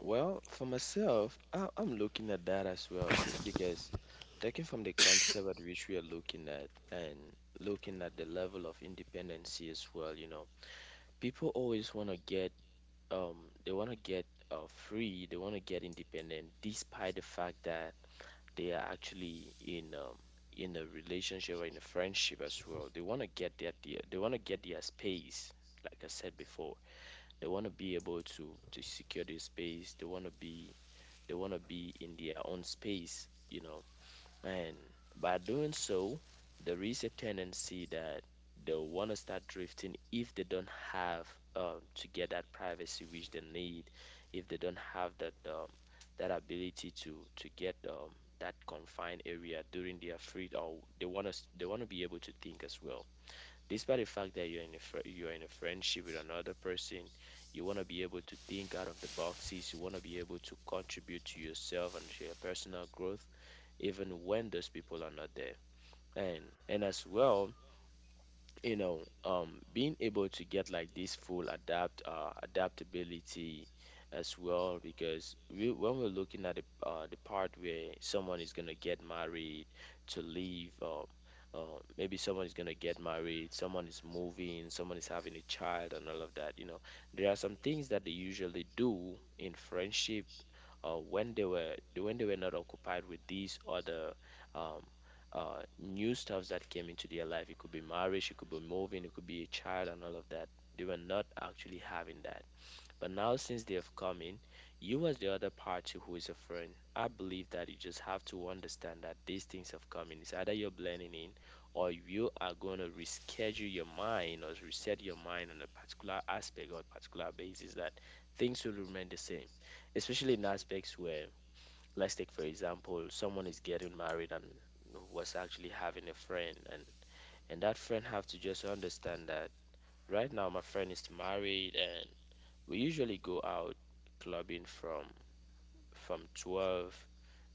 Speaker 1: Well, for myself, I'm looking at that as well, because taking from the concept at which we are looking at and looking at the level of independency as well, people always want to get they want to get free, they want to get independent despite the fact that they are actually in a relationship or in a friendship as well. They want to get their space, like I said before. They want to be able to secure their space. They want to be in their own space. And by doing so, there is a tendency that they'll want to start drifting if they don't have to get that privacy which they need, if they don't have that ability to get that confined area during their free, or they want to be able to think as well, despite the fact that you're in a friendship with another person. You want to be able to think out of the boxes. You want to be able to contribute to yourself and to your personal growth, even when those people are not there. And as well, being able to get like this full adaptability as well, because we when we're looking at the part where someone is gonna get married to leave maybe someone is gonna get married, someone is moving, someone is having a child, and all of that. There are some things that they usually do in friendship when they were not occupied with these other um, new stuffs that came into their life. It could be marriage, it could be moving, it could be a child, and all of that. They were not actually having that. But now, since they have come in, you, as the other party who is a friend, I believe that you just have to understand that these things have come in. It's either you're blending in, or you are going to reschedule your mind or reset your mind on a particular aspect or a particular basis that things will remain the same, especially in aspects where, let's take for example, someone is getting married and was actually having a friend, and that friend have to just understand that right now my friend is married and we usually go out clubbing from 12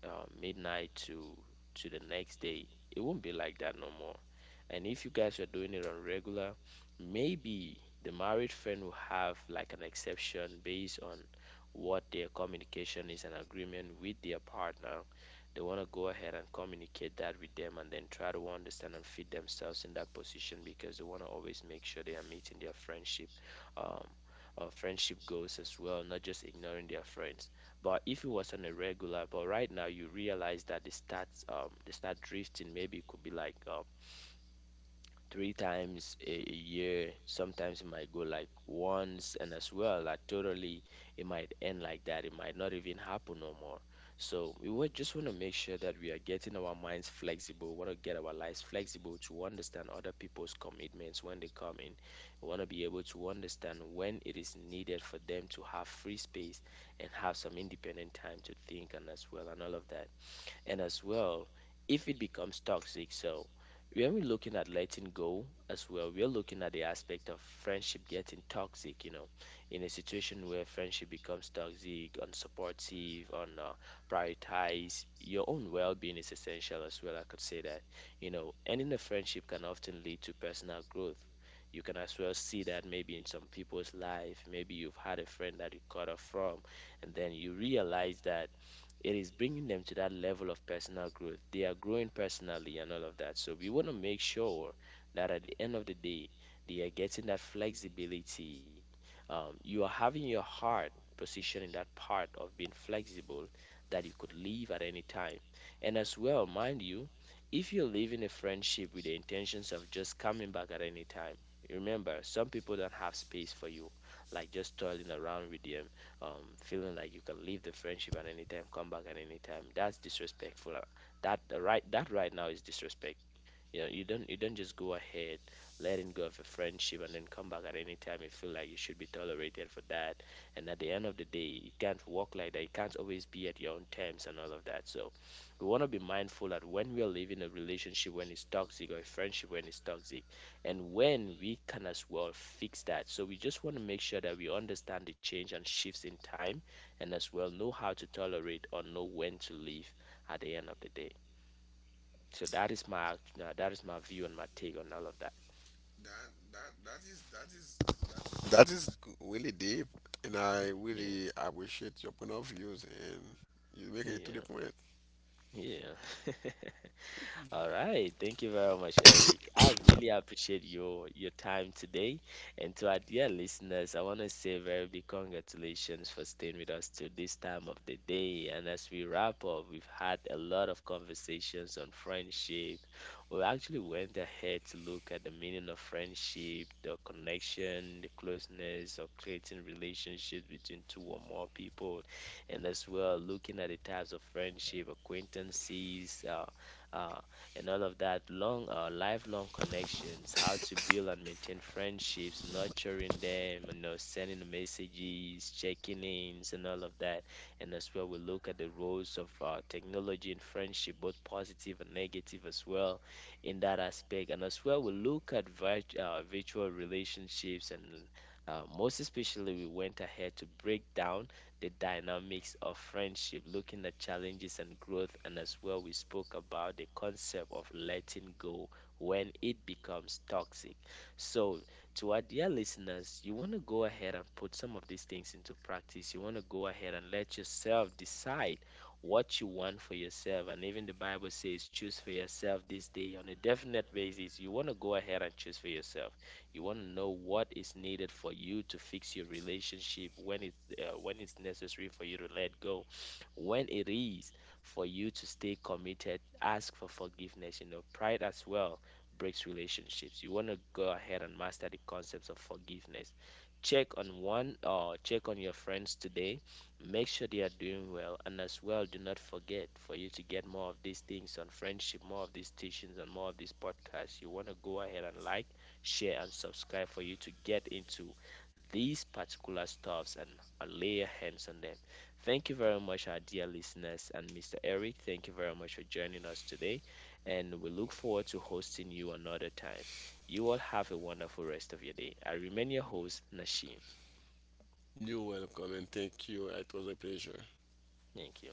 Speaker 1: midnight to the next day. It won't be like that no more. And if you guys were doing it on regular, maybe the married friend will have like an exception based on what their communication is and agreement with their partner. They want to go ahead and communicate that with them and then try to understand and fit themselves in that position, because they want to always make sure they are meeting their um, friendship goals as well, not just ignoring their friends. But if it was on a regular, but right now you realize that they start drifting. Maybe it could be like three times a year. Sometimes it might go like once, and as well, like totally, it might end like that. It might not even happen no more. So we would just want to make sure that we are getting our minds flexible. We want to get our lives flexible to understand other people's commitments when they come in. We want to be able to understand when it is needed for them to have free space and have some independent time to think, and as well, and all of that. And as well, if it becomes toxic, so when we're looking at letting go as well, we're looking at the aspect of friendship getting toxic, in a situation where friendship becomes toxic, unsupportive, un prioritize your own well-being is essential, as well, I could say that. You know, ending a friendship can often lead to personal growth. You can as well see that maybe in some people's life, maybe you've had a friend that you cut off from, and then you realize that it is bringing them to that level of personal growth. They are growing personally and all of that. So we want to make sure that at the end of the day, they are getting that flexibility. You are having your heart positioned in that part of being flexible, that you could leave at any time. And as well, mind you, if you're leaving a friendship with the intentions of just coming back at any time, remember some people don't have space for you, like just toiling around with them, feeling like you can leave the friendship at any time, come back at any time. That's disrespectful. That Right, that right now is disrespect. You don't just go ahead letting go of a friendship and then come back at any time you feel like you should be tolerated for that. And at the end of the day, it can't work like that. It can't always be at your own terms and all of that. So we want to be mindful that when we are leaving a relationship when it's toxic, or a friendship when it's toxic, and when we can as well fix that. So we just want to make sure that we understand the change and shifts in time, and as well know how to tolerate or know when to leave at the end of the day. So that is my view and my take on all of that.
Speaker 2: That is really deep, and I
Speaker 1: Yeah,
Speaker 2: really appreciate your point of views, and you make it to the
Speaker 1: yeah,
Speaker 2: point.
Speaker 1: yeah. All right. Thank you very much, Eric. I really appreciate your time today. And to our dear listeners, I want to say a very big congratulations for staying with us till this time of the day. And as we wrap up, we've had a lot of conversations on friendship. We actually went ahead to look at the meaning of friendship, the connection, the closeness, or creating relationships between two or more people, and as well looking at the types of friendship, acquaintances, uh, and all of that, long lifelong connections, how to build and maintain friendships, nurturing them, sending messages, checking ins, and all of that. And as well, we look at the roles of technology in friendship, both positive and negative as well, in that aspect. And as well, we look at virtual relationships. And most especially, we went ahead to break down the dynamics of friendship, looking at challenges and growth. And as well, we spoke about the concept of letting go when it becomes toxic. So, to our dear listeners, you want to go ahead and put some of these things into practice. You want to go ahead and let yourself decide what you want for yourself. And even the Bible says, choose for yourself this day on a definite basis. You want to go ahead and choose for yourself. You want to know what is needed for you to fix your relationship, when it's necessary for you to let go, when it is for you to stay committed. Ask for forgiveness. Pride as well breaks relationships. You want to go ahead and master the concepts of forgiveness. Check on one or check on your friends today. Make sure they are doing well, and as well, do not forget for you to get more of these things on friendship, more of these teachings, and more of these podcasts. You want to go ahead and like share, and subscribe for you to get into these particular stuffs and lay your hands on them. Thank you very much, our dear listeners, and Mr. Eric. Thank you very much for joining us today, and we look forward to hosting you another time. You all have a wonderful rest of your day. I remain your host, Nashim.
Speaker 2: You're welcome and thank you. It was a pleasure.
Speaker 1: Thank you.